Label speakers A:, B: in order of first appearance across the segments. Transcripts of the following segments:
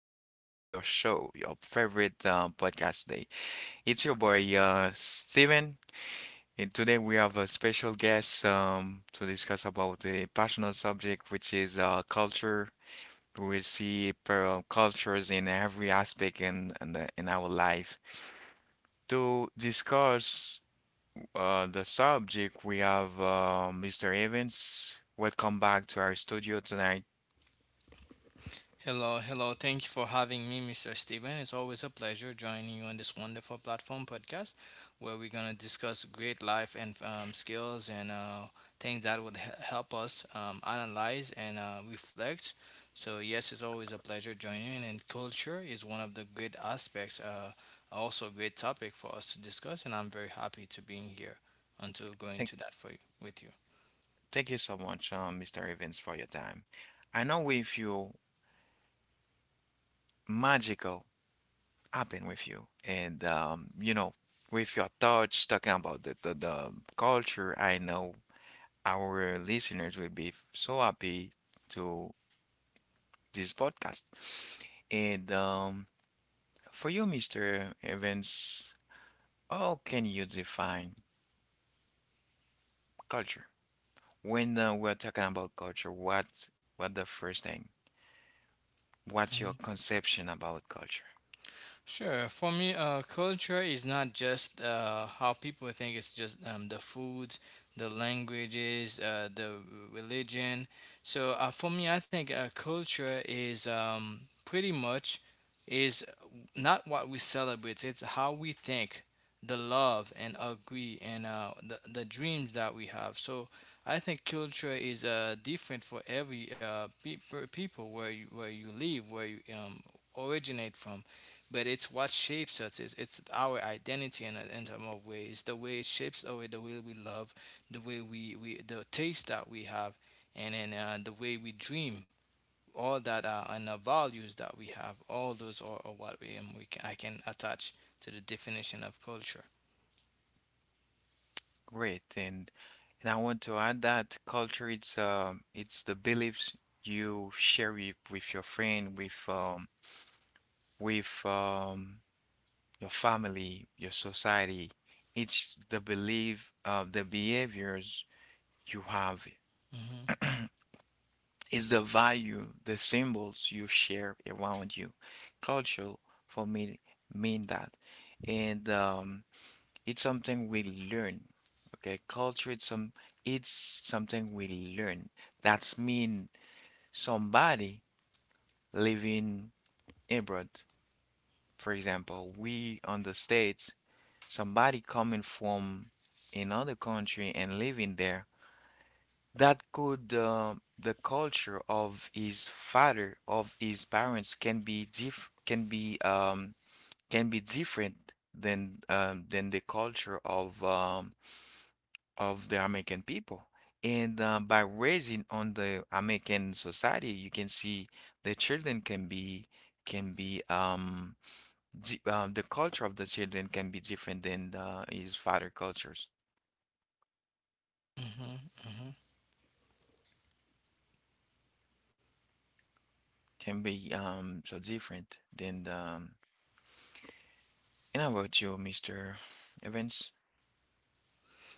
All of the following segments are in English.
A: back to your show, your favorite podcast day. It's your boy Steven, and today we have a special guest to discuss about a passionate subject, which is culture. We see cultures in every aspect in our life. To discuss the subject, we have Mr. Evans. Welcome back to our studio tonight.
B: Hello, hello. Thank you for having me, Mr. Steven. It's always a pleasure joining you on this wonderful platform podcast where we're going to discuss great life and skills and things that would help us analyze and reflect. So, yes, it's always a pleasure joining you. And culture is one of the great aspects, also a great topic for us to discuss. And I'm very happy to being here and to going to that for you, with you.
A: Thank you so much, Mr. Evans, for your time. I know we feel magical happen with you, and with your thoughts talking about the culture, I know our listeners will be so happy to this podcast. And For you, Mr. Evans, how can you define culture? When we're talking about culture, what the first thing? What's your conception about culture?
B: Sure. For me, culture is not just how people think. It's just the foods, the languages, the religion. So, for me, I think culture is pretty much is not what we celebrate. It's how we think, the love and agree, and the dreams that we have. So I think culture is different for every people where you live, where you originate from, but it's what shapes us. It's our identity in terms of way. It's the way it shapes our the way we love, the way we the taste that we have, and then the way we dream. All that and the values that we have. All those are what we can, I can attach to the definition of culture.
A: Great. And I want to add that culture it's the beliefs you share with your friend, with your family, your society. It's the belief the behaviors you have.
B: Hmm.
A: It's the value, the symbols you share around you. Culture for me mean that. And It's something we learn. Okay, culture it's something we learn. That's mean somebody living abroad. For example, we on the States, somebody coming from another country and living there, that could the culture of his father, of his parents can be different than the culture of the American people. And by raising on the American society, you can see the children can be um, the culture of the children can be different than the, his father cultures
B: Hmm.
A: can be so different than the. And how about you, Mr. Evans?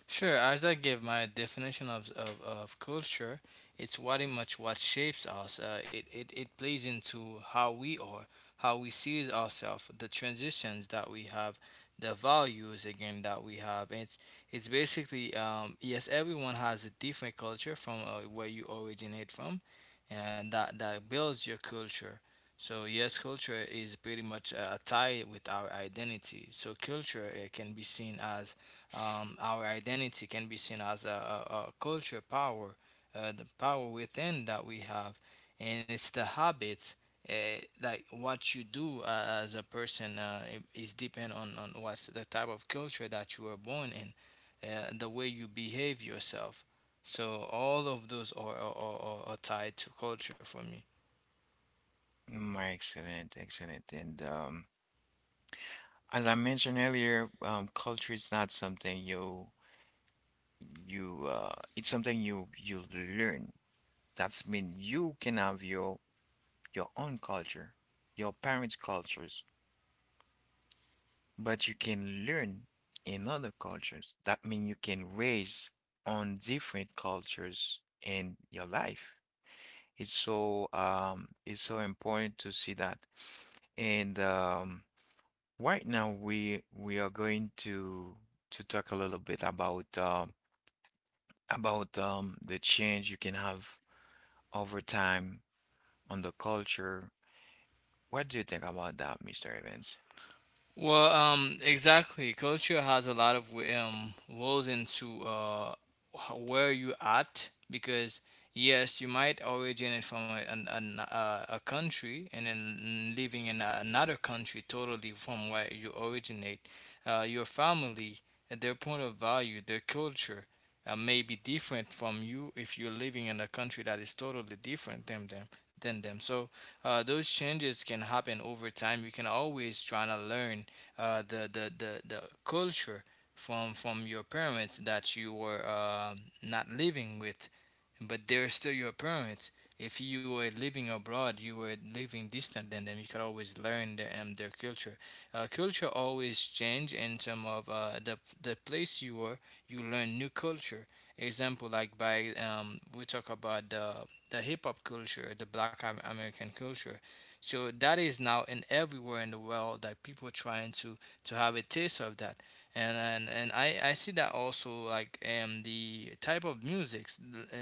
B: Sure, as I give my definition of culture, it's very much what shapes us. It plays into how we are, how we see ourselves, the transitions that we have, the values again that we have. It's basically, yes, everyone has a different culture from, where you originate from, and that builds your culture. So, yes, culture is pretty much tied with our identity. So, culture can be seen as, our identity can be seen as a culture power, the power within that we have, and it's the habits. Like what you do as a person, is depend on what's the type of culture that you were born in, the way you behave yourself. So all of those are tied to culture for me.
A: Mm. Excellent, excellent. And As I mentioned earlier, culture is not something you you it's something you learn. That's mean you can have your own culture, your parents' cultures, but you can learn in other cultures. That means you can raise on different cultures in your life. It's so important to see that. And Right now we are going to talk a little bit about the change you can have over time on the culture. What do you think about that, Mr. Evans?
B: Well, exactly. Culture has a lot of roles into where you at because yes, you might originate from a country and then living in another country totally from where you originate. Your family, their point of value, their culture, may be different from you if you're living in a country that is totally different than them. So, those changes can happen over time. You can always try to learn the culture from your parents that you were not living with, but they're still your parents. If you were living abroad, you were living distant than them. You could always learn their culture. Culture always change in terms of the place you were. You learn new culture. Example, like by, we talk about the hip hop culture, the Black American culture, so that is now in everywhere in the world that people are trying to have a taste of that. And I see that also, like, the type of music.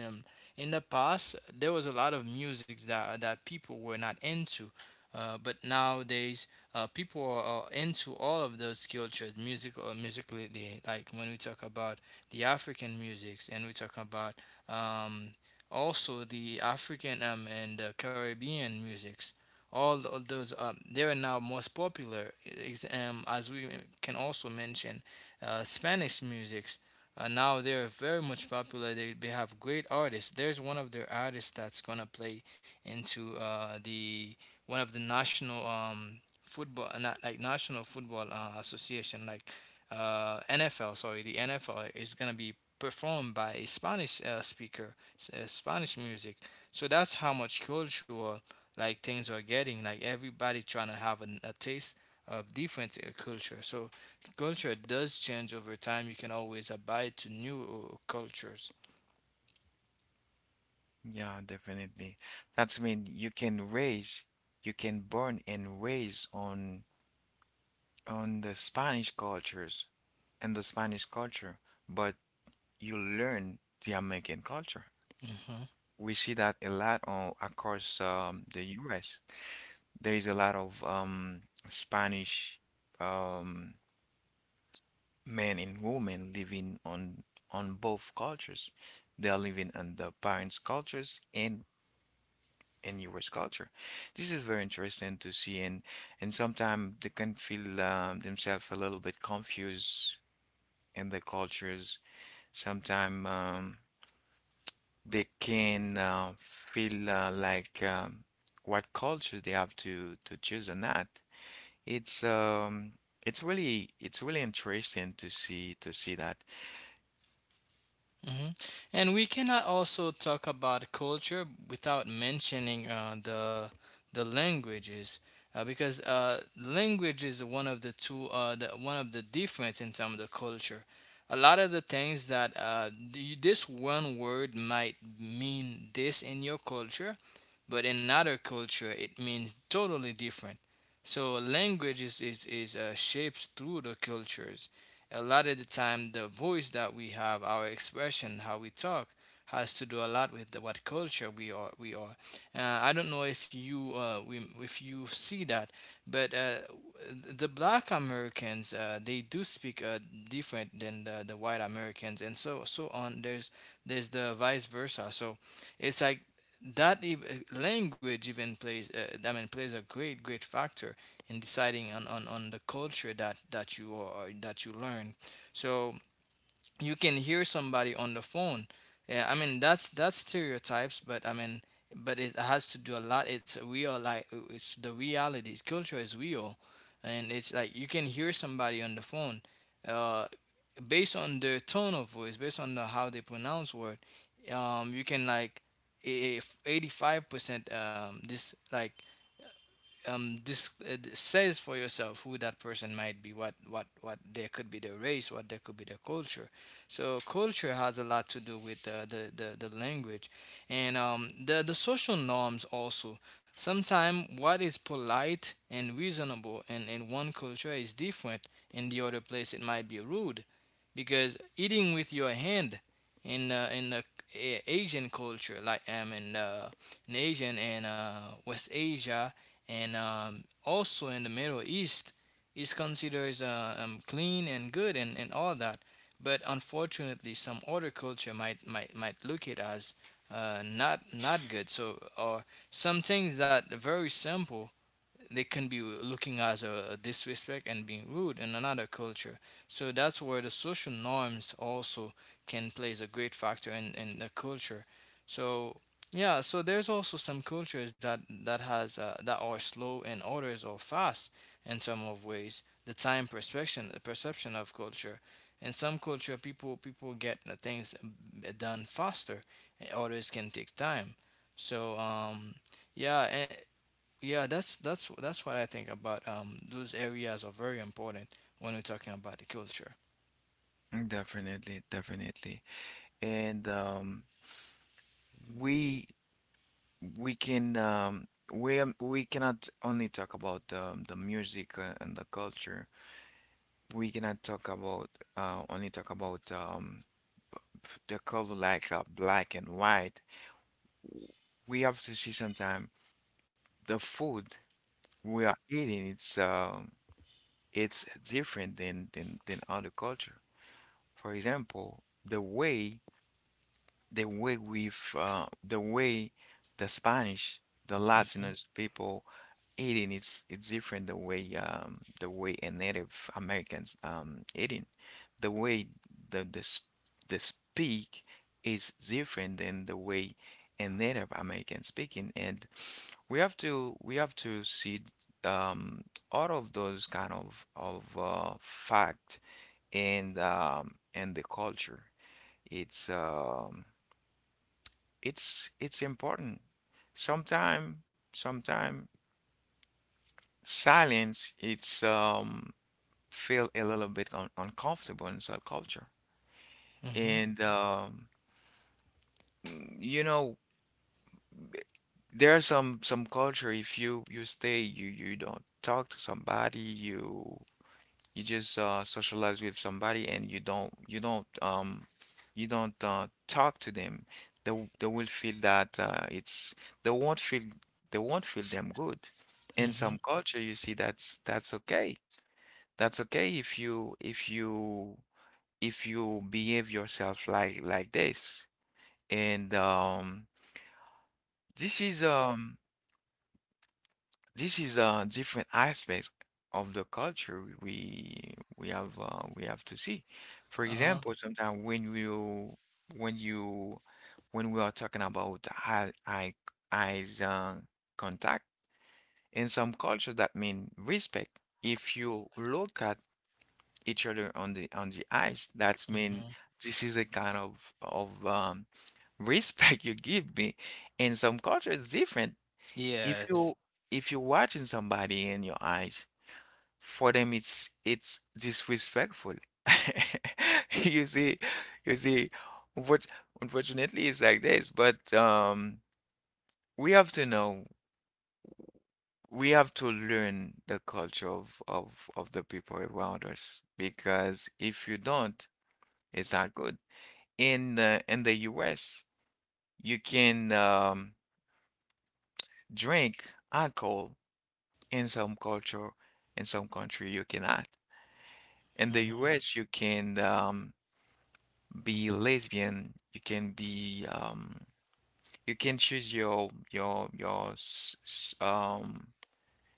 B: um in the past there was a lot of music that people were not into. But nowadays, people are into all of those cultures music, or musically, like when we talk about the African musics, and we talk about, um, also the African, and the Caribbean musics, all of those, they are now most popular. As we can also mention, Spanish musics, now they're very much popular. They have great artists. There's one of their artists that's going to play into, the one of the national, football, not like national football, association, like, NFL, sorry, the NFL is going to be performed by a Spanish, speaker, Spanish music. So that's how much cultural, like, things are getting, like everybody trying to have a taste of different, culture. So culture does change over time. You can always abide to new, cultures.
A: Yeah, definitely. That's mean you can raise, you can burn and raise on the Spanish cultures and the Spanish culture, but you learn the American culture.
B: Mhm.
A: We see that a lot on across the U.S. There is a lot of Spanish um, men and women living on both cultures. They are living on the parents' cultures and in US culture. This is very interesting to see, and sometimes they can feel themselves a little bit confused in the cultures. Sometimes they can feel like what culture they have to choose or not. It's um it's really it's really interesting to see that.
B: Mhm. And we cannot also talk about culture without mentioning, the languages, because, language is one of the two, the, one of the difference in terms of culture. A lot of the things that, this one word might mean this in your culture, but in other culture it means totally different. So language is, shapes through the cultures. A lot of the time, the voice that we have, our expression, how we talk, has to do a lot with the, what culture we are. I don't know if you, if you see that. But the Black Americans, they do speak, different than the white Americans, and so on. There's the vice versa. So it's like that. Language even plays, I mean, plays a great, great factor in deciding on the culture that you are, that you learn. So you can hear somebody on the phone. Yeah, I mean, that's stereotypes, but I mean, but it has to do a lot. It's real, like, it's the reality. Culture is real, and it's like you can hear somebody on the phone. Uh, Based on their tone of voice, based on the, how they pronounce word, you can, like, if 85%, this, like, this, says for yourself who that person might be, what there could be their race, what there could be their culture. So culture has a lot to do with, the, the language, and the social norms also. Sometimes what is polite and reasonable in one culture is different in the other place, it might be rude. Because eating with your hand in the Asian culture, like, in, in Asian and, West Asia, and, also in the Middle East, is considered, clean and good, and all that. But unfortunately, some other culture might look it as, not, not good. So, or some things that are very simple, they can be looking as a disrespect and being rude in another culture. So that's where the social norms also can plays a great factor in the culture. So, yeah, so there's also some cultures that are slow and others are fast in some of ways. The time perception, the perception of culture. In some culture, people get the things done faster. And others can take time. So, yeah, yeah, that's what I think about. Those areas are very important when we're talking about the culture.
A: Mm. Definitely, definitely. And we we can we cannot only talk about the music and the culture. We cannot talk about only talk about b- the color like black and white. We have to see sometime the food we are eating. It's different than other culture. For example, the way the Spanish, the
B: Mm-hmm.
A: Latinos people eating it's different the way a Native Americans eating. The way the the s- the speak is different than the way a Native American speaking and we have to see um all of those kind of fact and the culture. It's um it's important. Sometime, sometime silence it's feel a little bit un uncomfortable in some culture. And um mm, you know There's some culture if you stay you don't talk to somebody you you just socialize with somebody and you don't talk to them they will feel that it's they won't feel they won't feel them good in
B: Mm-hmm.
A: some culture you see that's okay, that's okay if you if you behave yourself like this. And this is This is a different aspect of the culture we have to see. For
B: Uh-huh.
A: example, sometimes when you when we are talking about eye eye eyes contact in some cultures that mean respect. If you look at each other on the eyes, that's mean
B: Mm-hmm.
A: this is a kind of respect you give me. In some cultures, it's different. If
B: Yes.
A: you if you're watching somebody in your eyes, for them it's disrespectful. You see, you see, unfort- unfortunately it's like this but we have to know, we have to learn the culture of the people around us, because if you don't, it's not good. In the in the US you can drink alcohol. In some culture, in some country you cannot. In the
B: Mm-hmm.
A: US you can be lesbian, you can be you can choose your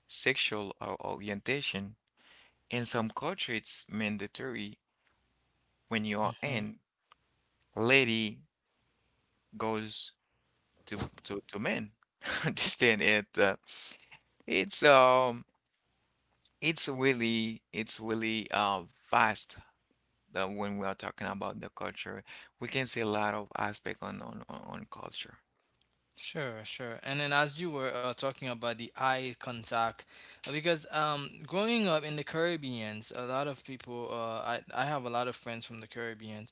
A: sexual orientation. In some culture, it's mandatory when you are
B: Mm-hmm.
A: in, lady goes to men. Understand it? It's um it's really it's really vast, that when we are talking about the culture, we can see a lot of aspect on culture.
B: Sure, sure. And then, as you were, talking about the eye contact, because, growing up in the Caribbeans, a lot of people — I have a lot of friends from the Caribbean,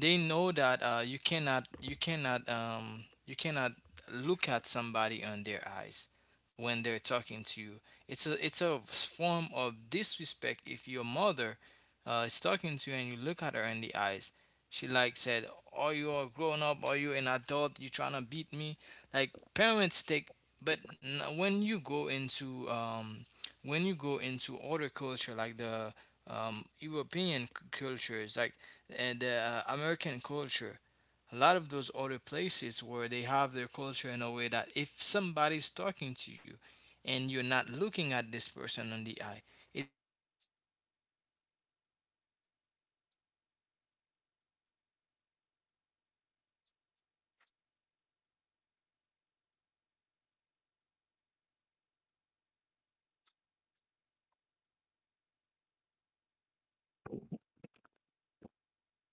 B: they know that, you cannot look at somebody on their eyes when they're talking to you. It's a form of disrespect if your mother, is talking to you and you look at her in the eyes. She like said, "Are you a grown up? Are you an adult? You trying to beat me?" like parents take. But n- when you go into when you go into other culture, like the European cultures, like, and the, American culture, a lot of those other places where they have their culture in a way that if somebody's talking to you and you're not looking at this person on the eye, it's feel like a total disrespect, like you're not paying attention. So culture, has a lot to do with the way that um, that your soc- the society that you are evolving. It has to do a lot with this. Uh huh.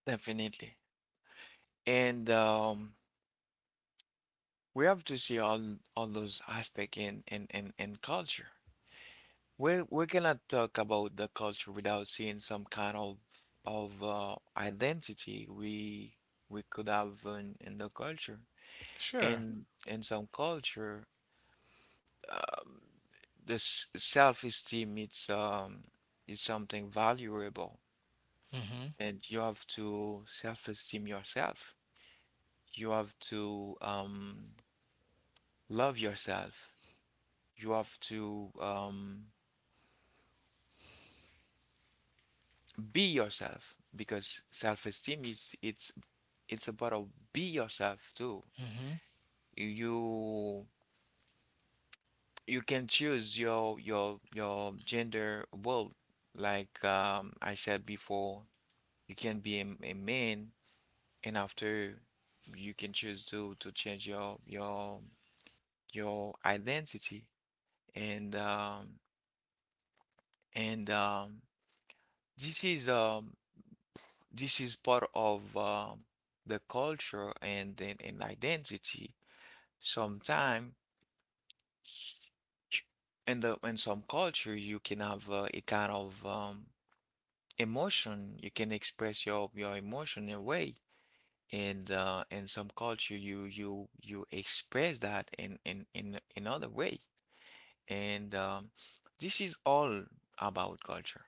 A: Definitely. And We have to see all those aspects in culture. We cannot talk about the culture without seeing some kind of identity we could have in the culture.
B: Sure.
A: In some culture, um, self-esteem it's is something valuable,
B: Mhm.
A: and you have to self-esteem yourself. You have to love yourself, you have to be yourself, because self-esteem is it's about be yourself too.
B: Mhm.
A: You you can choose your gender world. Like I said before, you can be a man, and after you can choose to change your your identity. And um, and this is This is part of the culture and then an identity. Sometimes, in the in some culture, you can have a kind of emotion. You can express your emotion in a way, and in some culture, you express that in another way. And This is all about culture,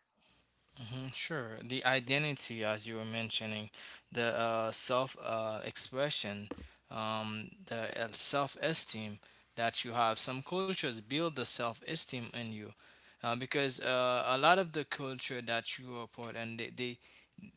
B: Mhm. Sure. The identity, as you were mentioning, the, self, expression, the, self esteem that you have. Some cultures build the self esteem in you. Because, a lot of the culture that you are part, and they, they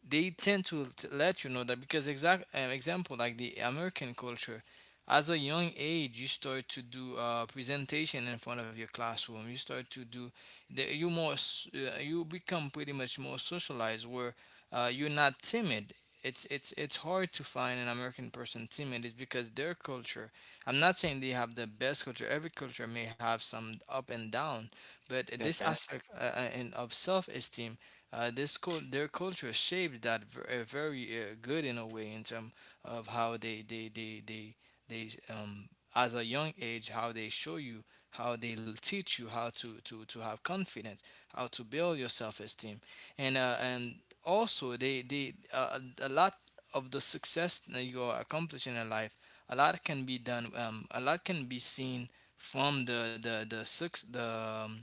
B: they tend to let you know that, because exact example like the American culture, as a young age you start to do a presentation in front of your classroom. You start to do the, you more s- you become pretty much more socialized where, you're not timid. It's hard to find an American person timid. It's because their culture. I'm not saying they have the best culture. Every culture may have some up and down, but this
A: definitely.
B: aspect of self-esteem, this cul their culture shaped that very good in a way in terms of how they as a young age, how they show you, how they teach you how to have confidence, how to build your self esteem, and also, they a lot of the success that you are accomplishing in life, a lot can be done, a lot can be seen from the um,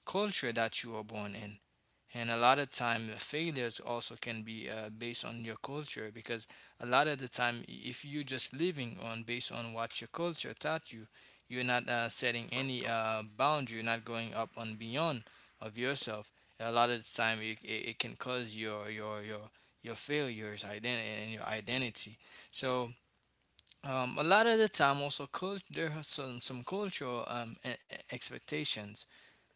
B: culture that you are born in. And a lot of time, the failures also can be based on your culture, because a lot of the time, if you're just living on based on what your culture taught you, you're not setting any boundary. You're not going up and beyond of yourself. A lot of the time, it can cause your your failures, identity, and your identity. So a lot of the time, also, there are some cultural expectations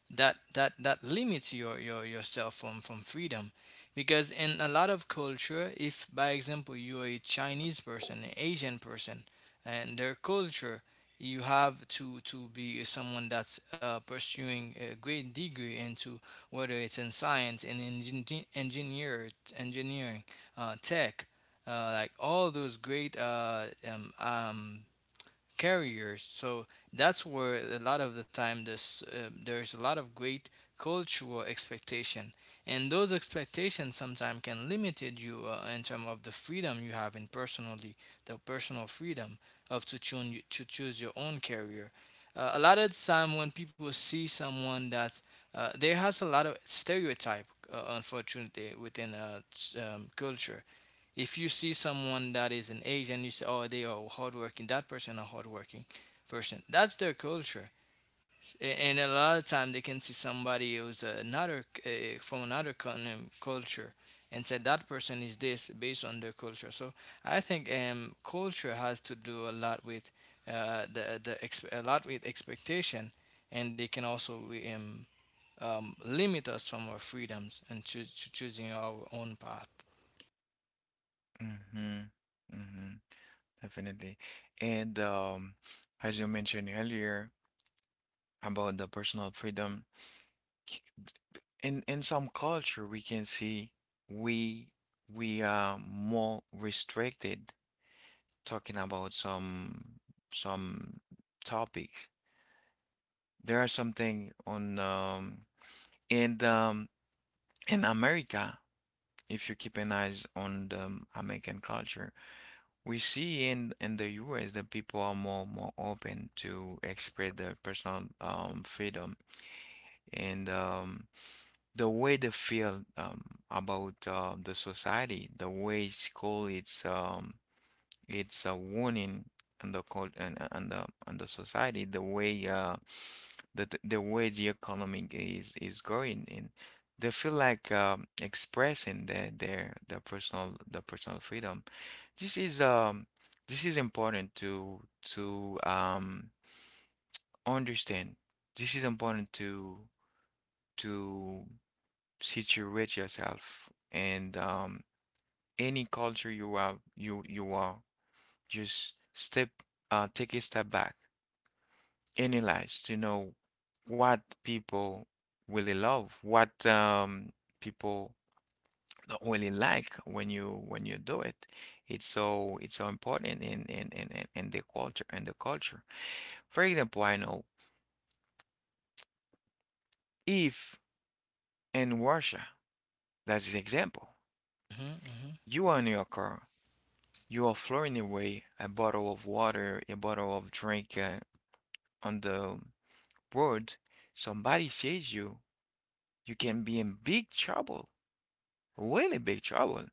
B: that limits yourself from freedom, because in a lot of culture, if by example you're a Chinese person, an Asian person, and their culture, you have to be someone that's pursuing a great degree into whether it's in science, in engineering, tech, like all those great carriers. So that's where a lot of the time there's a lot of great cultural expectation, and those expectations sometimes can limit you in terms of the freedom you have in personally, the personal freedom of to choose your own career. A lot of the time when people see someone that there has a lot of stereotype, unfortunately, within culture, if you see someone that is an Asian, you say, "Oh, they are hardworking. That person are hardworking person." That's their culture, and a lot of time they can see somebody who's another, from another culture, and say that person is this based on their culture. So I think culture has to do a lot with, a lot with expectation, and they can also um, limit us from our freedoms and choose choosing our own path.
A: hmm hmm Definitely. And As you mentioned earlier about the personal freedom, in some culture we can see we we are more restricted talking about some topics. There are something on in um in America, if you keep an eyes on the American culture. We see in the US that people are more more open to express their personal freedom, and the way they feel about the society, the way school is it's a warning on the cult and the society, the way the way the economy is going, and they feel like expressing their personal their personal freedom. This is um this is important to to um understand. This is important to situate yourself and any culture you are you are just step take a step back, analyze to know what people really love, what people don't really like when you do it. It's so important in the culture and the culture. For example, I know if in Russia, that's an example,
B: Hmm. Hmm.
A: you are in your car, you are throwing away a bottle of water, a bottle of drink on the road, somebody sees you, you can be in big trouble, really big trouble.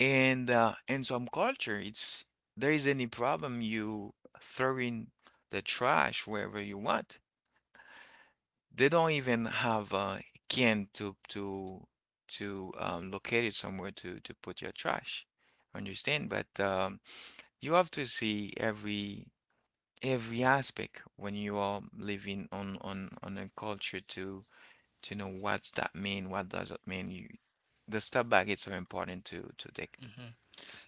A: And in some culture, it's there is any problem you throw in the trash wherever you want. They don't even have a can to locate it somewhere to put your trash. Understand? But you have to see every aspect when you are living on a culture to know what's that mean, what does it mean. You, the step back is so important to take.
B: Hmm.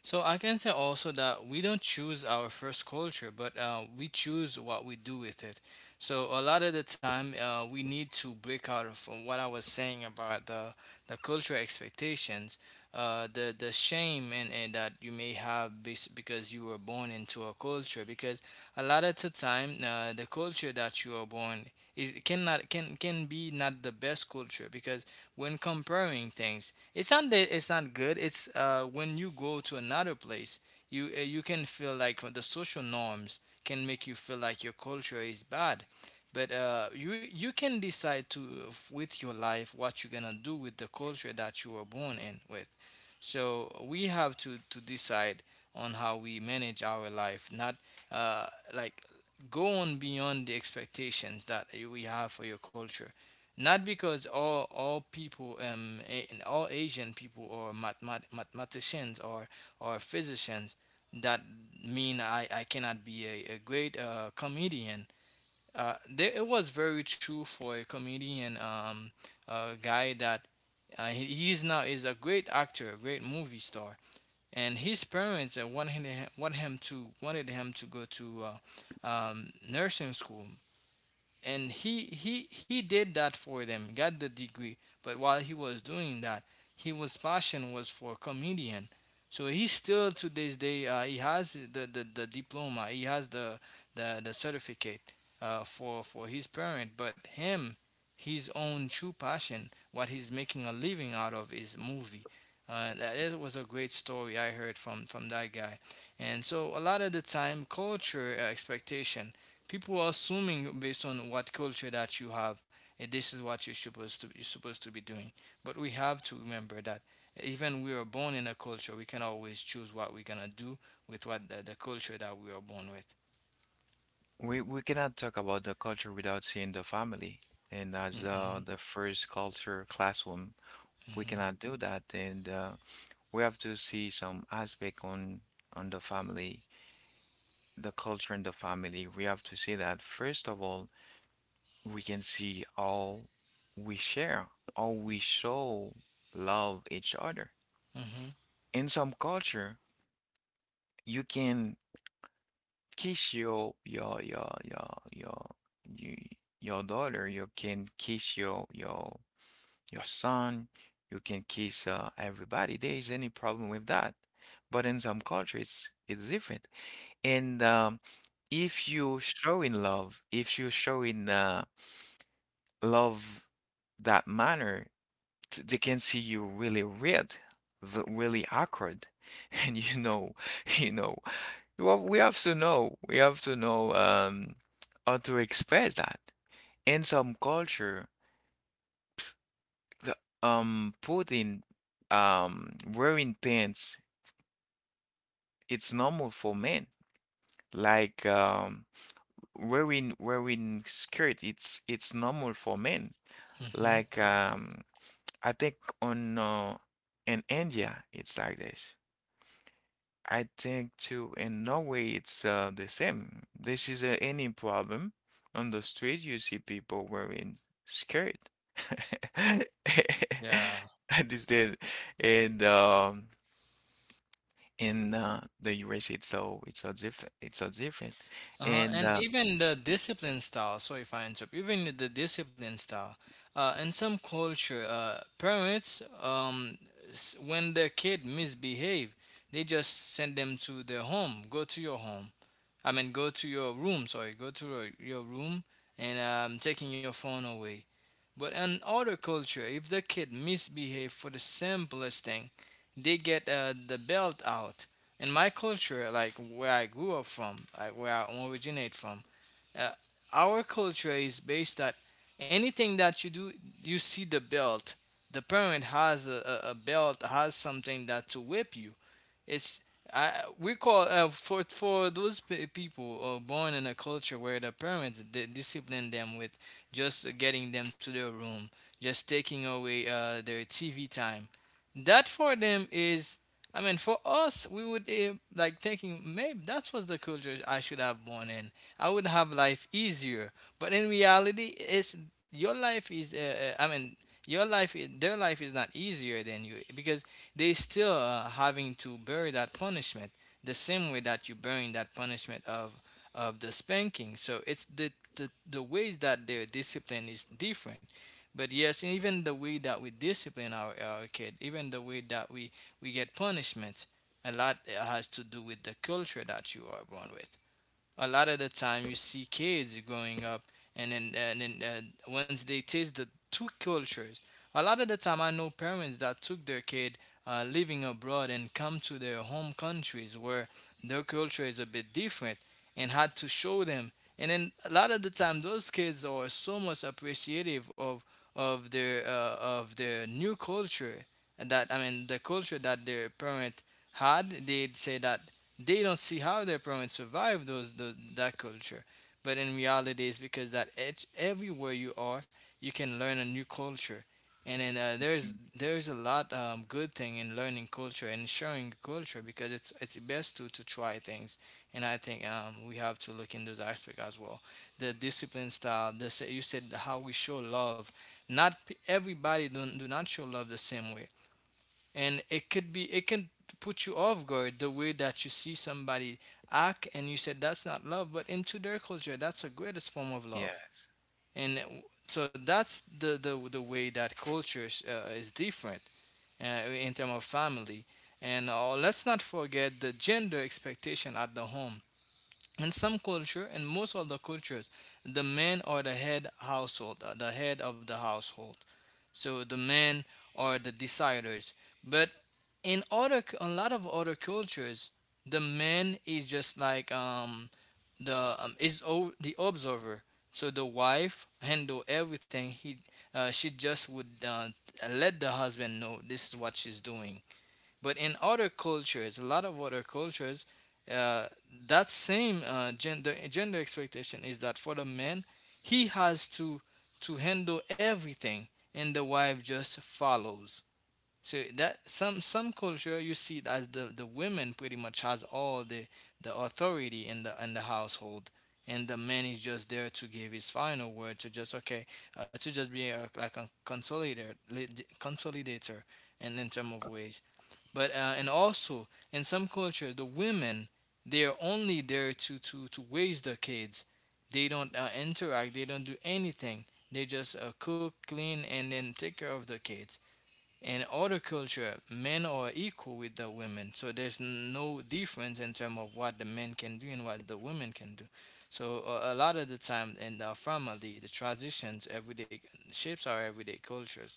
B: So I can say also that we don't choose our first culture, but we choose what we do with it. So a lot of the time, we need to break out from what I was saying about the cultural expectations, the shame, and that you may have because you were born into a culture. Because a lot of the time, the culture that you are born is cannot can can be not the best culture, because when comparing things, it's not that it's not good. It's when you go to another place, you can feel like the social norms can make you feel like your culture is bad. But you can decide to, with your life, what you're gonna do with the culture that you were born in with. So we have to decide on how we manage our life, not uh, like go on beyond the expectations that we have for your culture, not because all people and all Asian people or mathematicians or physicians, that mean, I cannot be a great comedian. It was very true for a comedian, a guy that, he is now is a great actor, a great movie star, and his parents, wanted him to go to nursing school, and he did that for them, got the degree, but while he was doing that, he was passion was for comedian. So he still to this day, he has the diploma, he has the certificate for his parent, but him, his own true passion, what he's making a living out of, is movie. That, it was a great story I heard from that guy. And so a lot of the time, culture expectation, people are assuming based on what culture that you have, this is what you're supposed to be doing. But we have to remember that even we are born in a culture, we can always choose what we're gonna do with what the culture that we are born with.
A: We cannot talk about the culture without seeing the family. And as
B: Hmm.
A: the first culture classroom, we cannot do that. And we have to see some aspect on the family, the culture in the family. We have to see that first of all, we can see how we share, how we show love each other.
B: Hmm. Hmm.
A: In some culture, you can kiss your, your daughter, you can kiss your son, you can kiss everybody. There is any problem with that. But in some cultures, it's different. And if you show in love, if you show in love that manner, they can see you really weird, really awkward, and you know. Well, we have to know. We have to know how to express that. In some culture, the, putting wearing pants, it's normal for men. Like, wearing skirt, it's normal for men.
B: Hmm.
A: Like, I think on in India, it's like this. I think too, in Norway, it's the same. This is any problem on the street, you see people wearing skirt.
B: Yeah.
A: This did the and in the US, it's so different. It's so different.
B: Uh-huh.
A: And
B: And even the discipline style, sorry if I interrupt, even the discipline style, in some culture, parents, when their kid misbehave, they just send them to their home, go to your home. I mean, go to your room. Sorry, go to your room, and taking your phone away. But in other culture, if the kid misbehave for the simplest thing, they get the belt out. In my culture, like where I grew up from, like where I originate from, uh, our culture is based that anything that you do, you see the belt, the parent has a belt, has something that to whip you. It's, I, we call for those pe people born in a culture where the parents discipline them with just getting them to their room, just taking away their TV time. That for them is, I mean, for us, we would like thinking, maybe that was the culture I should have born in. I would have life easier. But in reality, it's, your life is, I mean, your life, their life is not easier than you, because they still having to bear that punishment the same way that you bearing that punishment of the spanking. So it's the ways that their discipline is different. But yes, and even the way that we discipline our kid, even the way that we get punishments, a lot has to do with the culture that you are born with. A lot of the time you see kids growing up, and then once they taste the two cultures, a lot of the time I know parents that took their kid living abroad and come to their home countries where their culture is a bit different, and had to show them, and then a lot of the time, those kids are so much appreciative of their, of their new culture, that, I mean, the culture that their parent had, they'd say that they don't see how their parents survived those that culture. But in reality, it's because that edge, everywhere you are, you can learn a new culture, and then there's
A: Mm.
B: there's a lot good thing in learning culture and sharing culture, because it's best to try things, and I think we have to look in those aspects as well. The discipline style, the you said, how we show love. Not everybody don't do not show love the same way, and it could be it can put you off guard the way that you see somebody act, and you said that's not love, but into their culture that's the greatest form of love,
A: Yes,
B: and so that's the way that culture is different, in terms of family, and let's not forget the gender expectation at the home. In some culture, in most of the cultures, the men are the head household, the head of the household, so the men are the deciders. But in other, a lot of other cultures, the man is just like, the is, the observer. So the wife handle everything. He, she just would let the husband know this is what she's doing. But in other cultures, a lot of other cultures, uh, that same gender expectation is that for the man, he has to handle everything, and the wife just follows. So that some culture you see it as the women pretty much has all the authority in the household, and the man is just there to give his final word to just okay to just be a, like a consolidator consolidator and in term of way but and also in some culture the women they are only there to to raise the kids. They don't interact, they don't do anything, they just cook, clean, and then take care of the kids. In other culture men are equal with the women, so there's no difference in terms of what the men can do and what the women can do. So a lot of the time in the family the traditions everyday shapes our everyday cultures.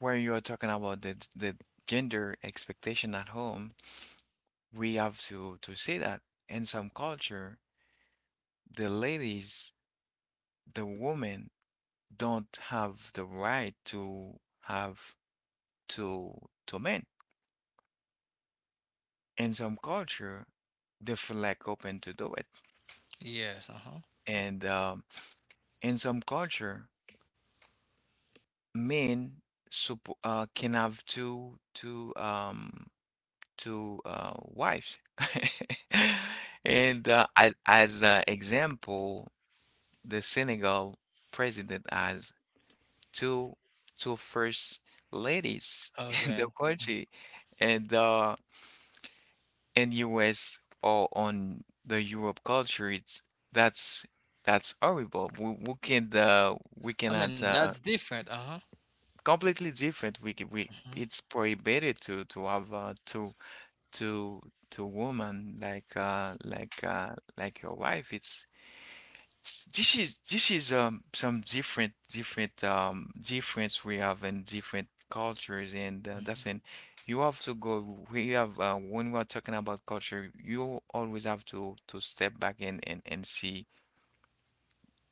A: when you are talking about the gender expectation at home, we have to say that in some culture, the ladies, the woman don't have the right to have two two men. In some culture, they feel like open to do it,
B: Yes, uh-huh.
A: and in some culture, men can have two wives. And as an example, the Senegal president has two two first ladies in the
B: Okay.
A: country, and in US or on the Europe culture, it's that's that's horrible. We can we
B: I
A: cannot
B: mean that's different, uh-huh.
A: completely different. We c- we
B: Mm-hmm.
A: It's prohibited to have to to woman like your wife. It's This is some different difference we have in different cultures and that's
B: Mhm.
A: when you have to go we have when we are talking about culture you always have to step back and see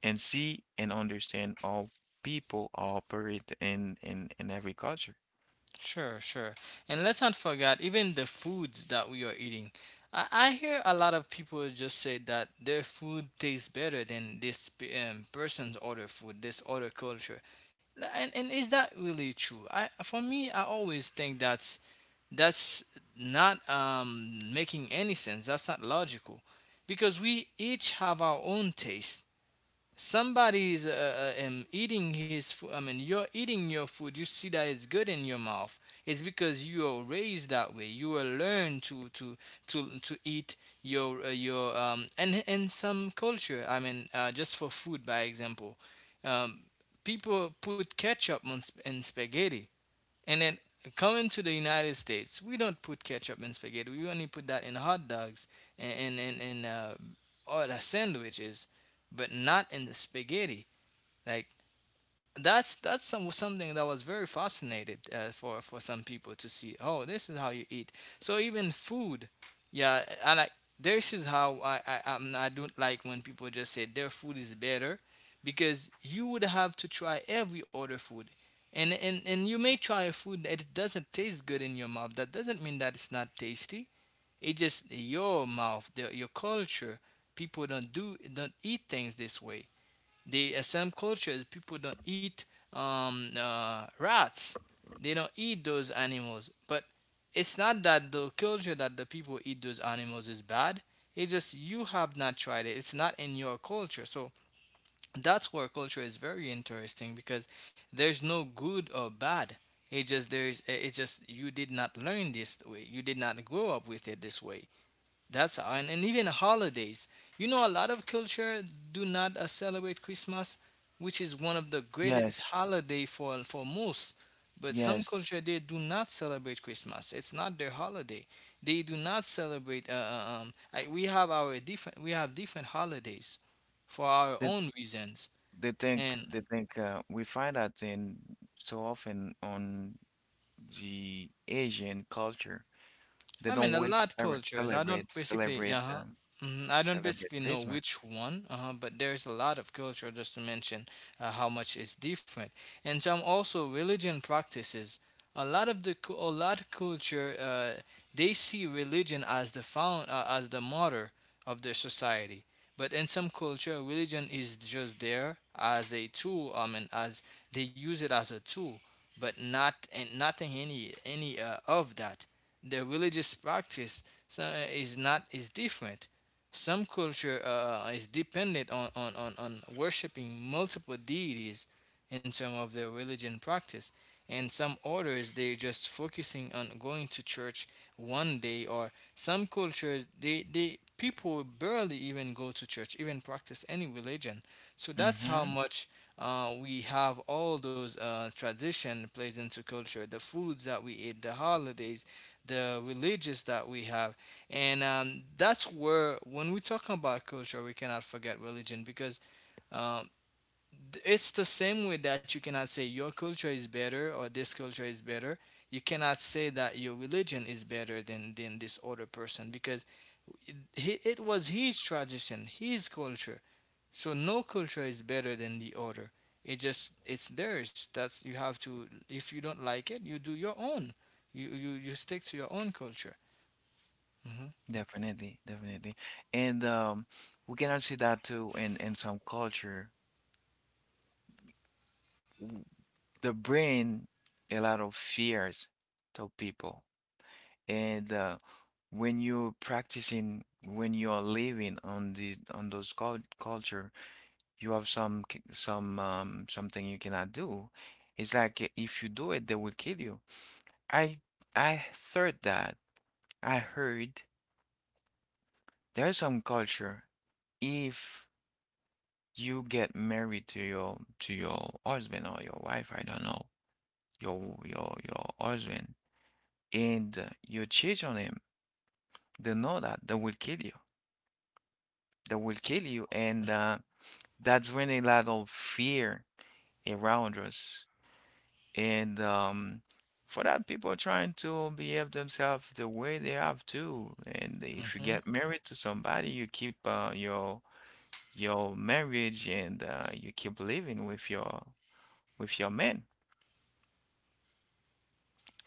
A: and understand how people operate in every culture.
B: Sure, sure. And let's not forget even the foods that we are eating. I hear a lot of people just say that their food tastes better than this person's other food, this other culture. And is that really true? I, for me, I always think that's not making any sense. That's not logical, because we each have our own taste. Somebody's eating his food, I mean you're eating your food, you see that it's good in your mouth. It's because you are raised that way, you were learned to to eat your and in some culture I mean just for food by example. um People put ketchup on in spaghetti, and then coming to the United States, we don't put ketchup in spaghetti. We only put that in hot dogs and other sandwiches, but not in the spaghetti. Like, that's some something that was very fascinated for some people to see. Oh, this is how you eat. So even food, yeah, and I, this is how I don't like when people just say their food is better, because you would have to try every other food, and you may try a food that it doesn't taste good in your mouth. That doesn't mean that it's not tasty. It just your mouth, the, your culture. People don't do don't eat things this way. The some cultures people don't eat rats. They don't eat those animals. But it's not that the culture that the people eat those animals is bad. It's just you have not tried it. It's not in your culture. So that's where culture is very interesting, because there's no good or bad. It just there is. It's just you did not learn this way. You did not grow up with it this way. That's all. And even holidays. You know, a lot of culture do not celebrate Christmas, which is one of the greatest
A: Yes,
B: holiday for most. But some
A: yes.
B: culture they do not celebrate Christmas. It's not their holiday. They do not celebrate. Like we have our different, we have different holidays for our
A: That
B: own reasons.
A: They think
B: And
A: they think uh, we find that in so often on the Asian culture, they
B: I mean,
A: don't
B: a
A: really
B: lot cultures. I don't basically, yeah, uh-huh. Mhm. I don't
A: celebrate
B: basically know
A: Christmas.
B: which one, but there's a lot of culture just to mention how much is different, and some also religion practices. A lot of the a lot of culture, they see religion as the found as the mother of their society. But in some culture, religion is just there as a tool. I mean, as they use it as a tool, but not and nothing any any of that. The religious practice so, is not is different. Some culture is dependent on, on worshiping multiple deities in terms of their religion practice. And some orders they're just focusing on going to church one day, or some cultures they people barely even go to church, even practice any religion. So that's how
A: Hmm.
B: much we have all those tradition plays into culture, the foods that we eat, the holidays, the religious that we have and that's where when we talk about culture we cannot forget religion, because um, it's the same way that you cannot say your culture is better or this culture is better. You cannot say that your religion is better than this other person, because it, it was his tradition, his culture. So no culture is better than the other. It just it's theirs. That's, you have to, if you don't like it you do your own. You stick to your own culture. Mm-hmm.
A: Definitely, definitely, and we cannot see that too in some culture. W- They bring a lot of fears to people, and when you're practicing, when you're living on the on those culture. You have something you cannot do. It's like if you do it, they will kill you. I I heard that. I heard there's some culture. If you get married to your husband or your wife, I don't know, your husband, and you cheat on him, they know that they will kill you. They will kill you, and that's when a lot of fear around us. And for that, people are trying to behave themselves the way they have to. And if you
B: Hmm.
A: get married to somebody, you keep your marriage and you keep living with your man,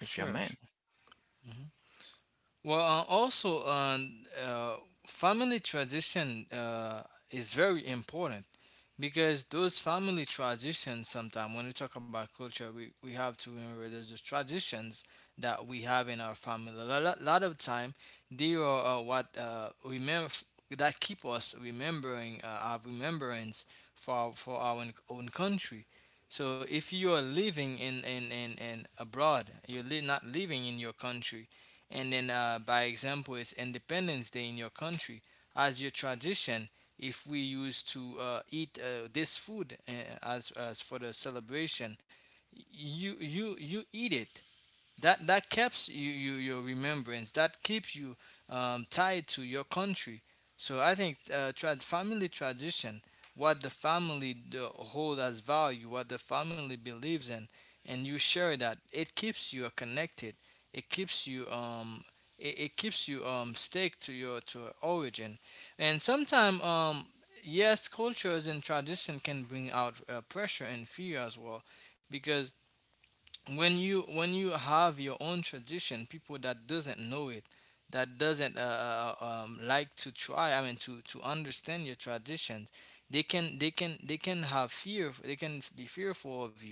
A: with your man.
B: sure. Well, also, uh, family tradition is very important, because those family traditions, sometimes when we talk about culture, we have to remember there's the traditions that we have in our family. A lot of time, they are what remember that keep us remembering our remembrance for for our own country. So if you are living in in abroad, you're not living in your country, and then, by example, it's Independence Day in your country. As your tradition, if we used to eat this food as for the celebration, you eat it. That that keeps you, you your remembrance. That keeps you tied to your country. So I think trad family tradition, what the family hold as value, what the family believes in, and you share that, it keeps you connected. It keeps you it, it keeps you stake to your origin, and sometimes yes, cultures and tradition can bring out pressure and fear as well, because when you have your own tradition, people that doesn't know it, that doesn't like to try, I mean to understand your traditions, they can they can have fear, they can be fearful of you.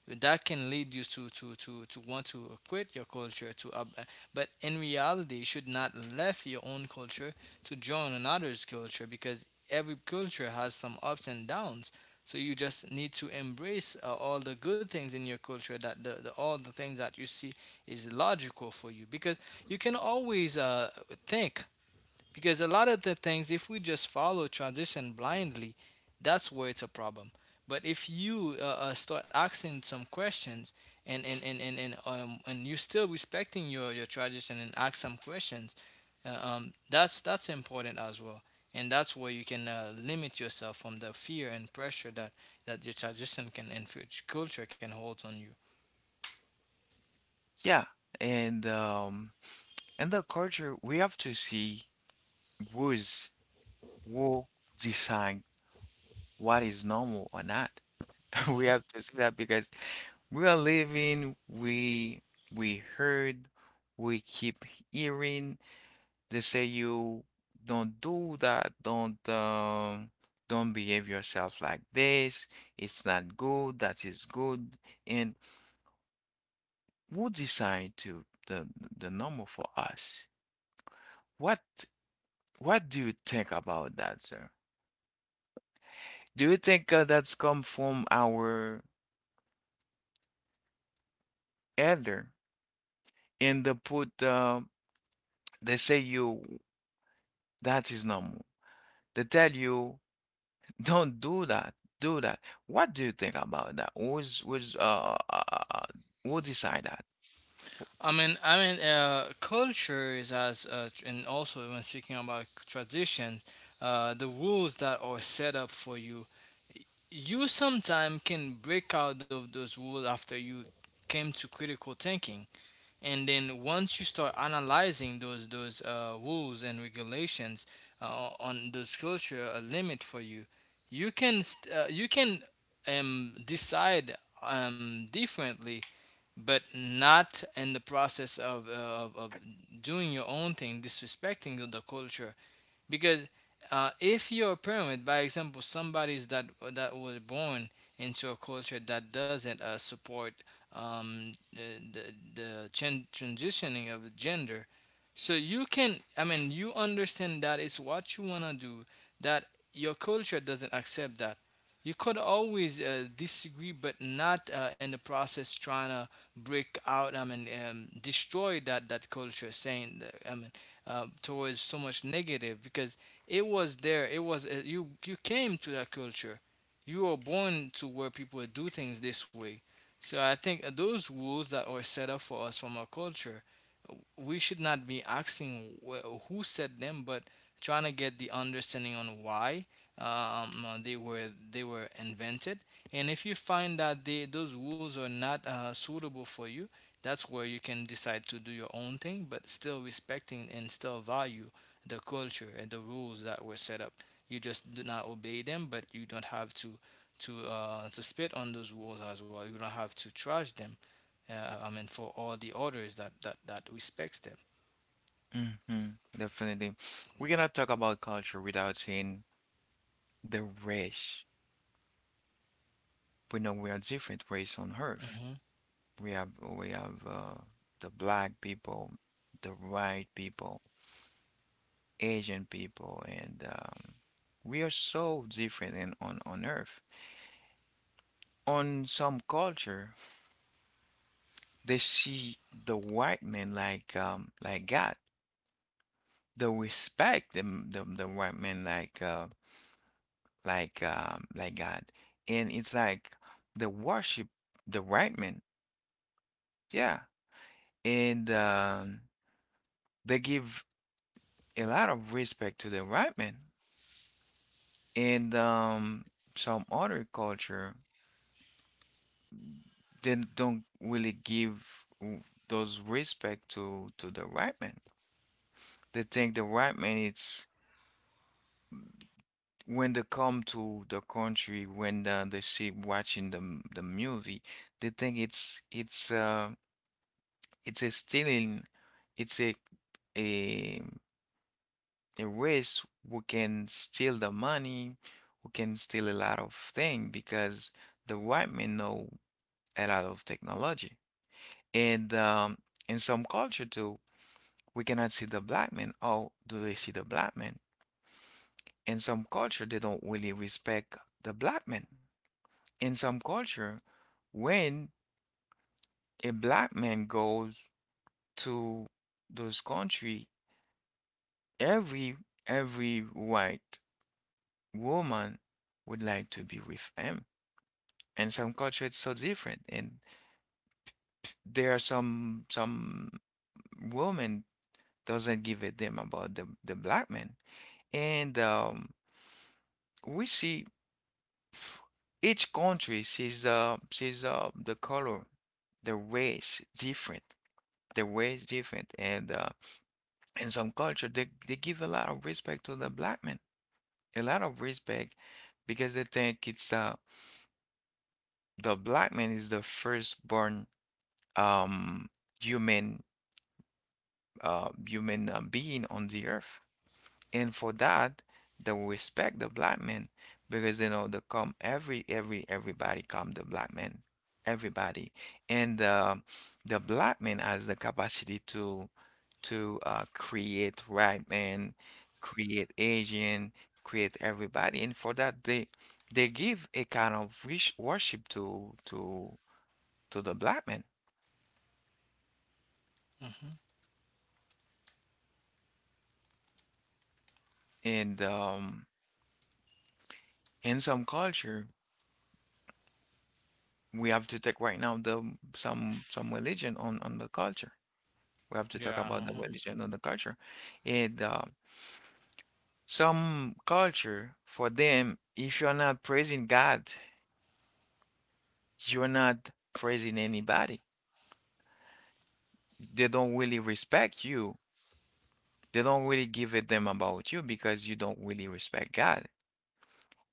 B: That can lead you to to want to quit your culture to but in reality you should not left your own culture to join another's culture, because every culture has some ups and downs. So you just need to embrace all the good things in your culture, that the all the things that you see is logical for you, because you can always think, because a lot of the things, if we just follow transition blindly, that's where it's a problem. But if you start asking some questions, and and you're still respecting your tradition and ask some questions, that's important as well. And that's where you can limit yourself from the fear and pressure that that your tradition can and future culture can hold on you.
A: Yeah, and um, and the culture we have to see. Rules will decide what is normal or not. We
B: Mm-hmm.
A: have to see that because we are living, we heard, we keep hearing. They say you don't do that, don't behave yourself like this. It's not good. That is good. And who decide to the normal for us? What what do you think about that, sir? Do you think that's come from our elder and they say you that is normal. They tell you don't do that, do that. What do you think about that? Who decide that?
B: Culture is as and also when speaking about tradition, the rules that are set up for you, you sometimes can break out of those rules after you came to critical thinking, and then once you start analyzing those rules and regulations on those culture a limit for you, you can you can decide differently, but not in the process of, doing your own thing, disrespecting the culture, because if you're a parent, by example, somebody's that that was born into a culture that doesn't support the the transitioning of gender. So you can, I mean, you understand that it's what you wanna do, that your culture doesn't accept that. You could always disagree, but not in the process trying to break out. I mean, destroy that that culture, saying, that, I mean, towards so much negative, because it was there. It was you. You came to that culture. You were born to where people do things this way. So I think those rules that are set up for us from our culture, we should not be asking who said them, but trying to get the understanding on why um, uh, they were invented. And if you find that they, those rules are not suitable for you, that's where you can decide to do your own thing, but still respecting and still value the culture and the rules that were set up. You just do not obey them, but you don't have to to spit on those rules as well. You don't have to trash them. I mean, for all the orders that that respects them.
A: Hmm. Definitely. We cannot talk about culture without saying the race. We know we are different race on earth.
B: Hmm.
A: We have the black people, the white people, Asian people, and we are so different in, on earth. On some culture, they see the white man like God. They respect the white man like God, and it's like they worship the white man. Yeah, and they give a lot of respect to the environment. And some other culture then don't really give those respect to the right man. They think the right man it's when they come to the country when they see watching the movie, they think it's a stealing, it's a a race who can steal the money, who can steal a lot of thing because the white men know a lot of technology. And in some culture too, we cannot see the black man. Or do they see the black man? In some culture, they don't really respect the black man. In some culture, when a black man goes to those country, every every white woman would like to be with him. In some culture, it's so different, and there are some women doesn't give a damn about the black man. And we see f- each country sees the color, the race different, the race different, and in some culture they give a lot of respect to the black man, a lot of respect because they think it's the black man is the firstborn um human human being on the earth, and for that they will respect the black man because they come everybody come the black man everybody, and the black man has the capacity to create white man, create Asian, create everybody, and for that they give a kind of worship to the black man.
B: Hmm.
A: And in some culture we have to take right now the some religion on the culture. We have to talk
B: Yeah.
A: about the religion and the culture. And some culture, for them, if you're not praising God, you're not praising anybody. They don't really respect you. They don't really give a damn about you because you don't really respect God.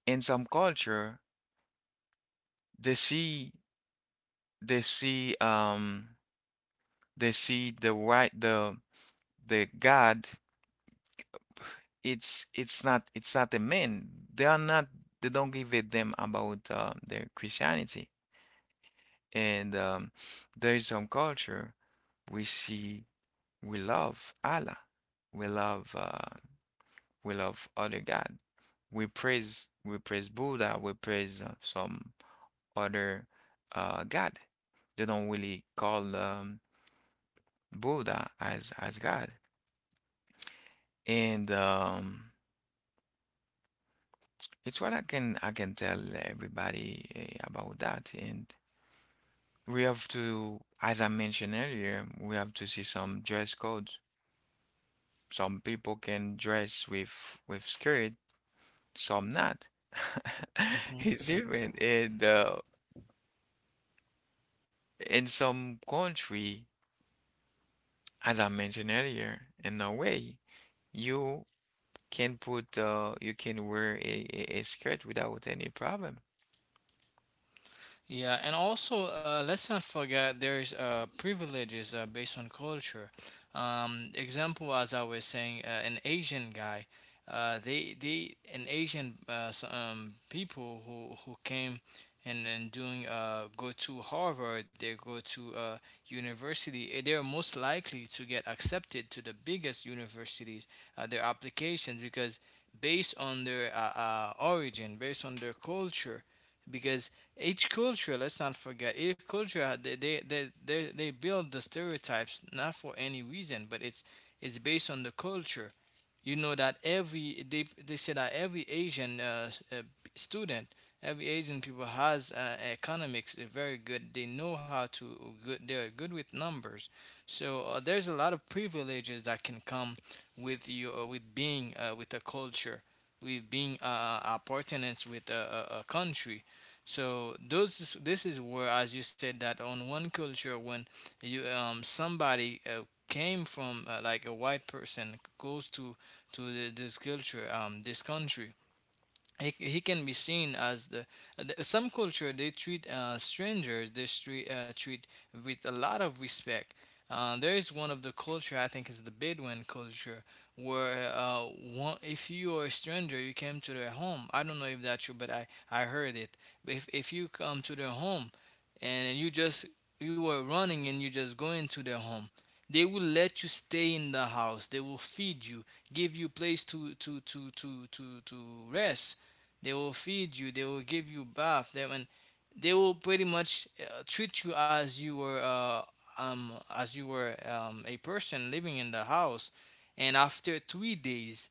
A: In some culture, they see they see um they see the right the God. It's not a man. They are not. They don't give a damn about their Christianity. And there is some culture we see we love Allah, we love uh, we love other God. We praise Buddha, we praise some other God. They don't really call Buddha as God. And it's what I can tell everybody about that. And we have to, as I mentioned earlier, we have to see some dress codes. Some people can dress with skirt, some not. It's even in some country, as I mentioned earlier, in Norway, you you can wear a skirt without any problem.
B: Yeah, and also let's not forget there's privileges based on culture. Example, as I was saying, an Asian guy, they an Asian people who came and doing go to Harvard, they go to university. They are most likely to get accepted to the biggest universities. Their applications because based on their origin, based on their culture because each culture, let's not forget, each culture they build the stereotypes not for any reason but it's based on the culture. You know that every they say that every Asian uh, student, every Asian people has economics, they're very good they know how to good they're good with numbers. So there's a lot of privileges that can come with you with being with a culture, with being appartenance with a country. So this is where, as you said, that on one culture when you somebody came from like a white person goes to this culture, this country, he can be seen as some culture they treat strangers, they treat with a lot of respect. There is one of the culture, I think, is the Bedouin culture, where one, if you are a stranger, you came to their home. I don't know if that's true, but I heard it. If you come to their home and you just, you were running and you just go into their home, they will let you stay in the house, they will feed you, give you place to rest they will feed you. They will give you bath. They and they will pretty much treat you as you were a person living in the house. And after 3 days,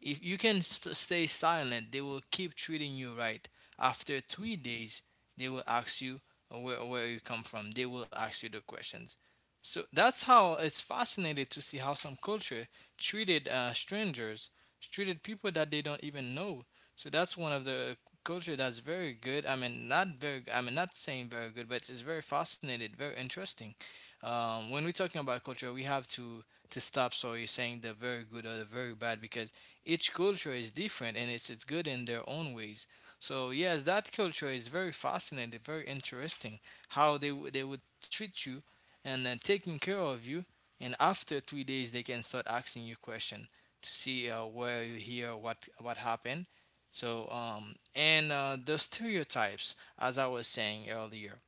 B: if you can stay silent, they will keep treating you right. After 3 days, they will ask you where you come from. They will ask you the questions. So that's how it's fascinating to see how some culture treated strangers, treated people that they don't even know. So that's one of the culture that's very good. I mean, not very. I mean, not saying very good, but it's very fascinating, very interesting. When we're talking about culture, we have to stop, sorry, saying the very good or the very bad, because each culture is different and it's good in their own ways. So yes, that culture is very fascinating, very interesting. How they would treat you and then taking care of you, and after 3 days they can start asking you question to see where you here, what happened. So, and the stereotypes, as I was saying earlier,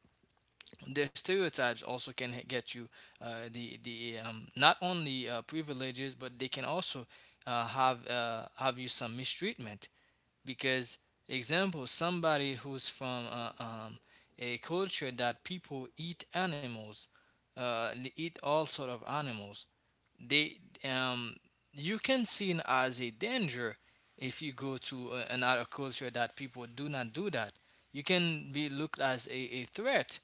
B: the stereotypes also can get you the not only privileges, but they can also have you some mistreatment. Because, example, somebody who's from a culture that people eat animals, they eat all sort of animals, they, um, you can see it as a danger. If you go to another culture that people do not do that, you can be looked as a threat,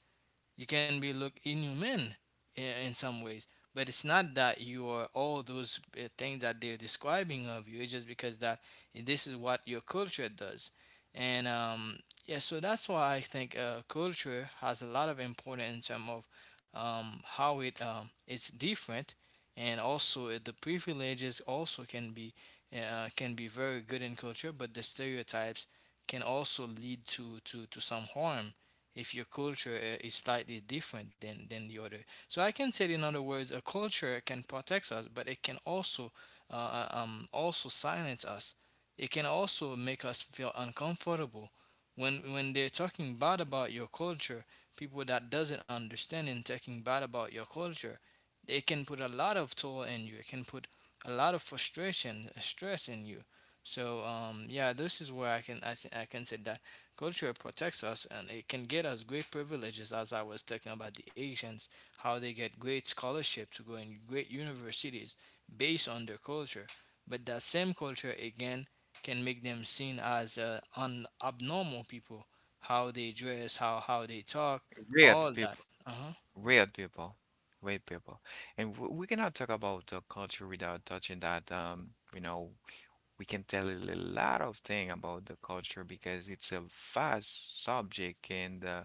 B: you can be look inhuman, in some ways. But it's not that you are all those things that they're describing of you, it's just because that this is what your culture does. And yeah, so that's why I think culture has a lot of importance in terms of, how it, it's different. And also the privileges also can be very good in culture, but the stereotypes can also lead to some harm if your culture is slightly different than the other. So I can say, in other words, a culture can protect us, but it can also also silence us. It can also make us feel uncomfortable when they're talking bad about your culture. People that doesn't understand and talking bad about your culture, it can put a lot of toll in you. It can put a lot of frustration, stress in you. So yeah, this is where I can say that culture protects us and it can get us great privileges. As I was talking about the Asians, how they get great scholarship to go in great universities based on their culture. But that same culture again can make them seen as abnormal people. How they dress, how they talk, all
A: Weird
B: that.
A: people,
B: Uh
A: weird people, weird people, and w we cannot talk about culture without touching that. We can tell a lot of thing about the culture because it's a vast subject, and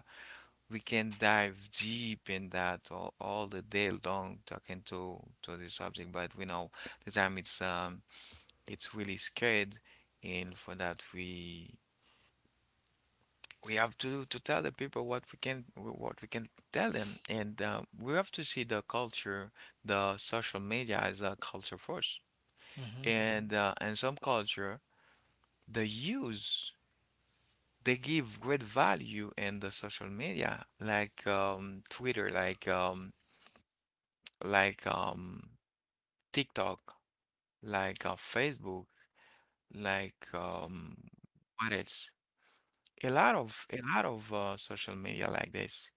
A: we can dive deep in that all the day long talking to the subject, but we know the time it's really scared, and for that we have to tell the people what we can tell them, and we have to see the social media as a culture force,
B: huh.
A: and in some culture the use they give great value in the social media like Twitter, like TikTok, like Facebook, like what else? A lot of social media like this.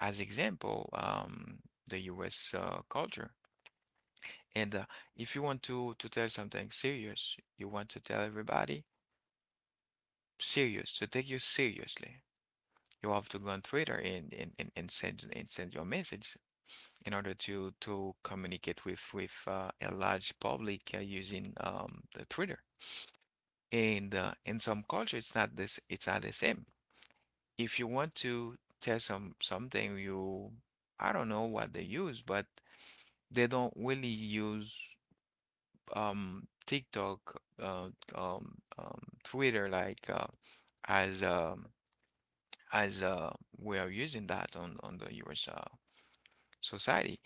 A: As example, the U.S. Culture. And if you want to tell something serious, you want to tell everybody serious to take you seriously. You have to go on Twitter and send your message in order to communicate with a large public using the Twitter. And in some culture, it's not this, it's not the same. If you want to tell something, you I don't know what they use, but they don't really use TikTok, Twitter, as um, as we are using that on the US society.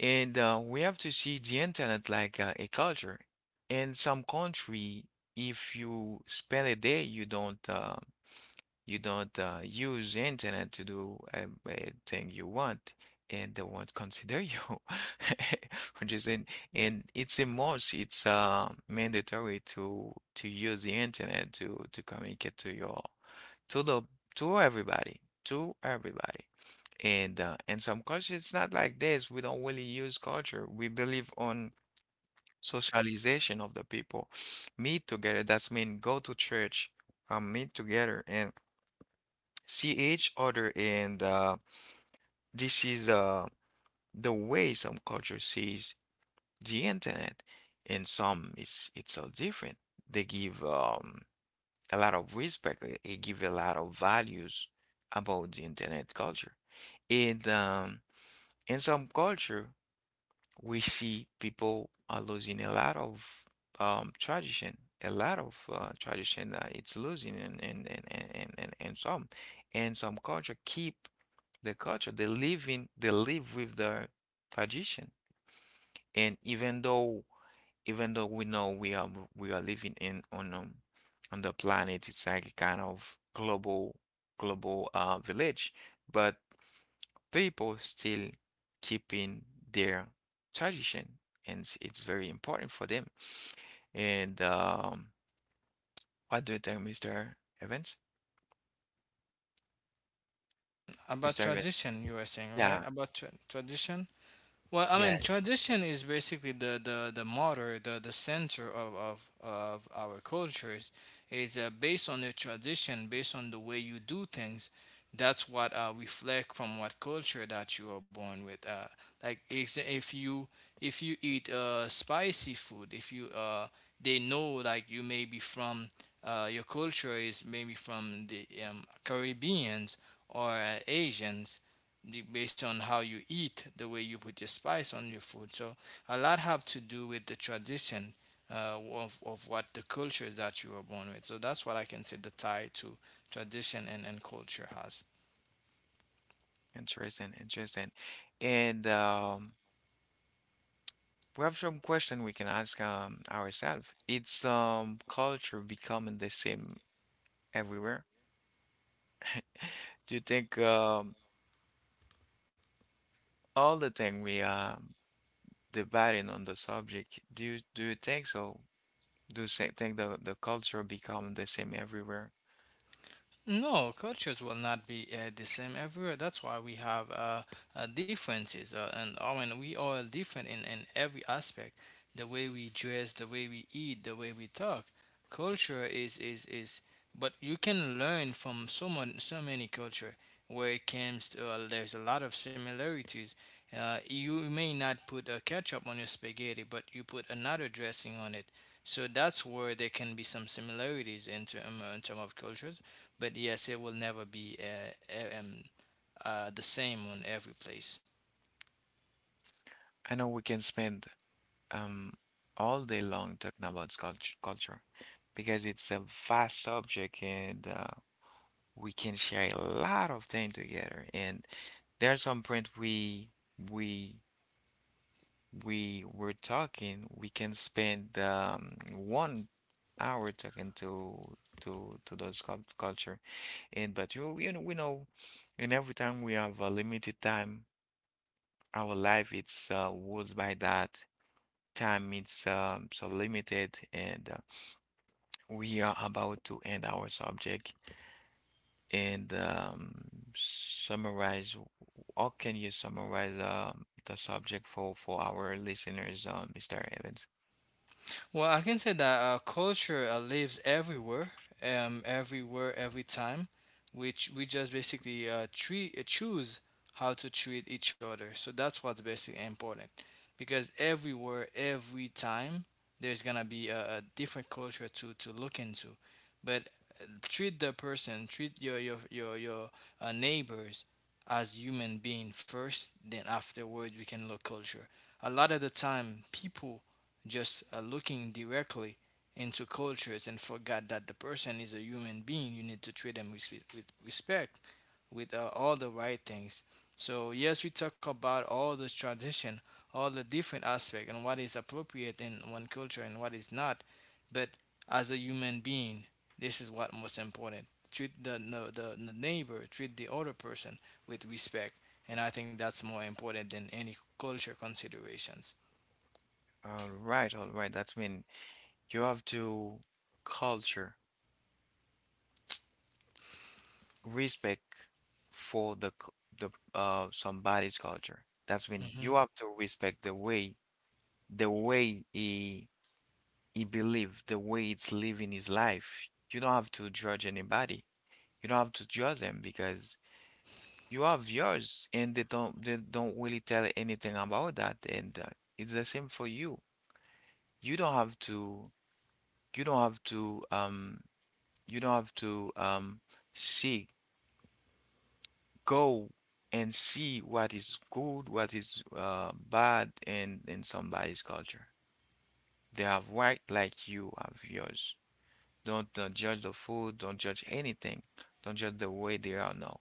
A: And we have to see the internet like a culture. In some country, if you spend a day, you don't use internet to do a thing you want, and they won't consider you. Which is in, and it's a must. It's mandatory to use the internet to communicate to your to the to everybody to everybody. And some cultures, it's not like this. We don't really use culture. We believe on socialization of the people. Meet together. That's mean go to church, meet together and see each other. And this is the way some culture sees the internet. And some it's so different. They give a lot of respect. They give a lot of values about the internet culture. And in some culture, we see people are losing a lot of tradition. A lot of tradition it's losing, and some culture keep the culture. They live with their tradition, and even though we know we are living in on the planet, it's like a kind of global village, but people still keeping their tradition, and it's very important for them. And what do you think, Mr. Evans? Mr.
B: About
A: Evans?
B: tradition you were saying, right?
A: Yeah,
B: About tradition. Well, I
A: yeah,
B: mean, tradition is basically the motor, the center of our cultures. It's based on the tradition, based on the way you do things. That's what reflect from what culture that you are born with. Like if you, if you eat spicy food, if you they know like you may be from your culture is maybe from the Caribbeans or Asians, based on how you eat, the way you put your spice on your food. So a lot have to do with the tradition of what the culture that you were born with. So that's what I can say the tie to tradition and culture has.
A: interesting, interesting. And we have some question we can ask ourselves. It's culture becoming the same everywhere. Do you think all the thing we are debating on the subject? Do you think so? Do the same thing. The culture become the same everywhere.
B: No, cultures will not be the same everywhere. That's why we have differences, and I mean we are different in every aspect. The way we dress, the way we eat, the way we talk. Culture is, but you can learn from so many culture where it comes to there's a lot of similarities. You may not put a ketchup on your spaghetti, but you put another dressing on it. So that's where there can be some similarities in in term of cultures, but yes, it will never be e- um, the same on every place.
A: I know we can spend um all day long talking about culture because it's a vast subject, and we can share a lot of things together. And there's some point we we were talking. We can spend 1 hour talking to those culture. And, but we know, and every time we have a limited time. Our life, it's ruled by that time. It's so limited, and we are about to end our subject, and summarize. How can you summarize the subject for our listeners, Mr. Evans?
B: Well, I can say that culture lives everywhere, everywhere, every time, which we just basically choose how to treat each other. So that's what's basically important, because everywhere, every time, there's gonna be a different culture to look into. But treat the person, treat your neighbors as human being first. Then afterwards, we can look culture. A lot of the time, people just looking directly into cultures and forgot that the person is a human being. You need to treat them with respect, with all the right things. So yes, we talk about all this tradition, all the different aspect, and what is appropriate in one culture and what is not. But as a human being, this is what most important. Treat the neighbor, treat the other person with respect, and I think that's more important than any culture considerations.
A: All right, all right, that's mean you have to culture respect for the c- the somebody's culture, that's mean you have to respect the way he believed the way it's living his life. You don't have to judge anybody. You don't have to judge them because you have yours and they don't really tell anything about that. And it's the same for you. You don't have to you don't have to um you don't have to um see, go and see what is good, what is bad and in somebody's culture. They have right like you have yours. Don't judge the food, don't judge anything, don't judge the way they are now.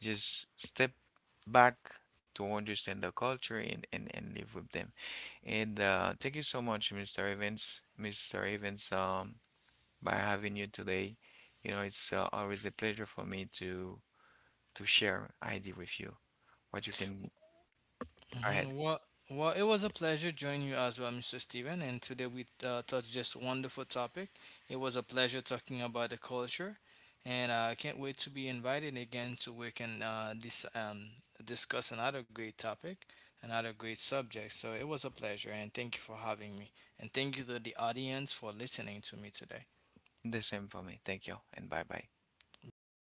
A: Just step back to understand the culture, and live with them. And thank you so much, Mr. Evans, Mr. Evans, by having you today. You know, it's always a pleasure for me to share ID with you. What you can. Go
B: Mm.
A: ahead.
B: Well, it was a pleasure joining you as well, Mr. Steven. And today we touched just wonderful topic. It was a pleasure talking about the culture, and I can't wait to be invited again to we can discuss another great topic, another great subject. So it was a pleasure, and thank you for having me, and thank you to the audience for listening to me today.
A: The same for me. Thank you, and bye bye.
B: Bye bye.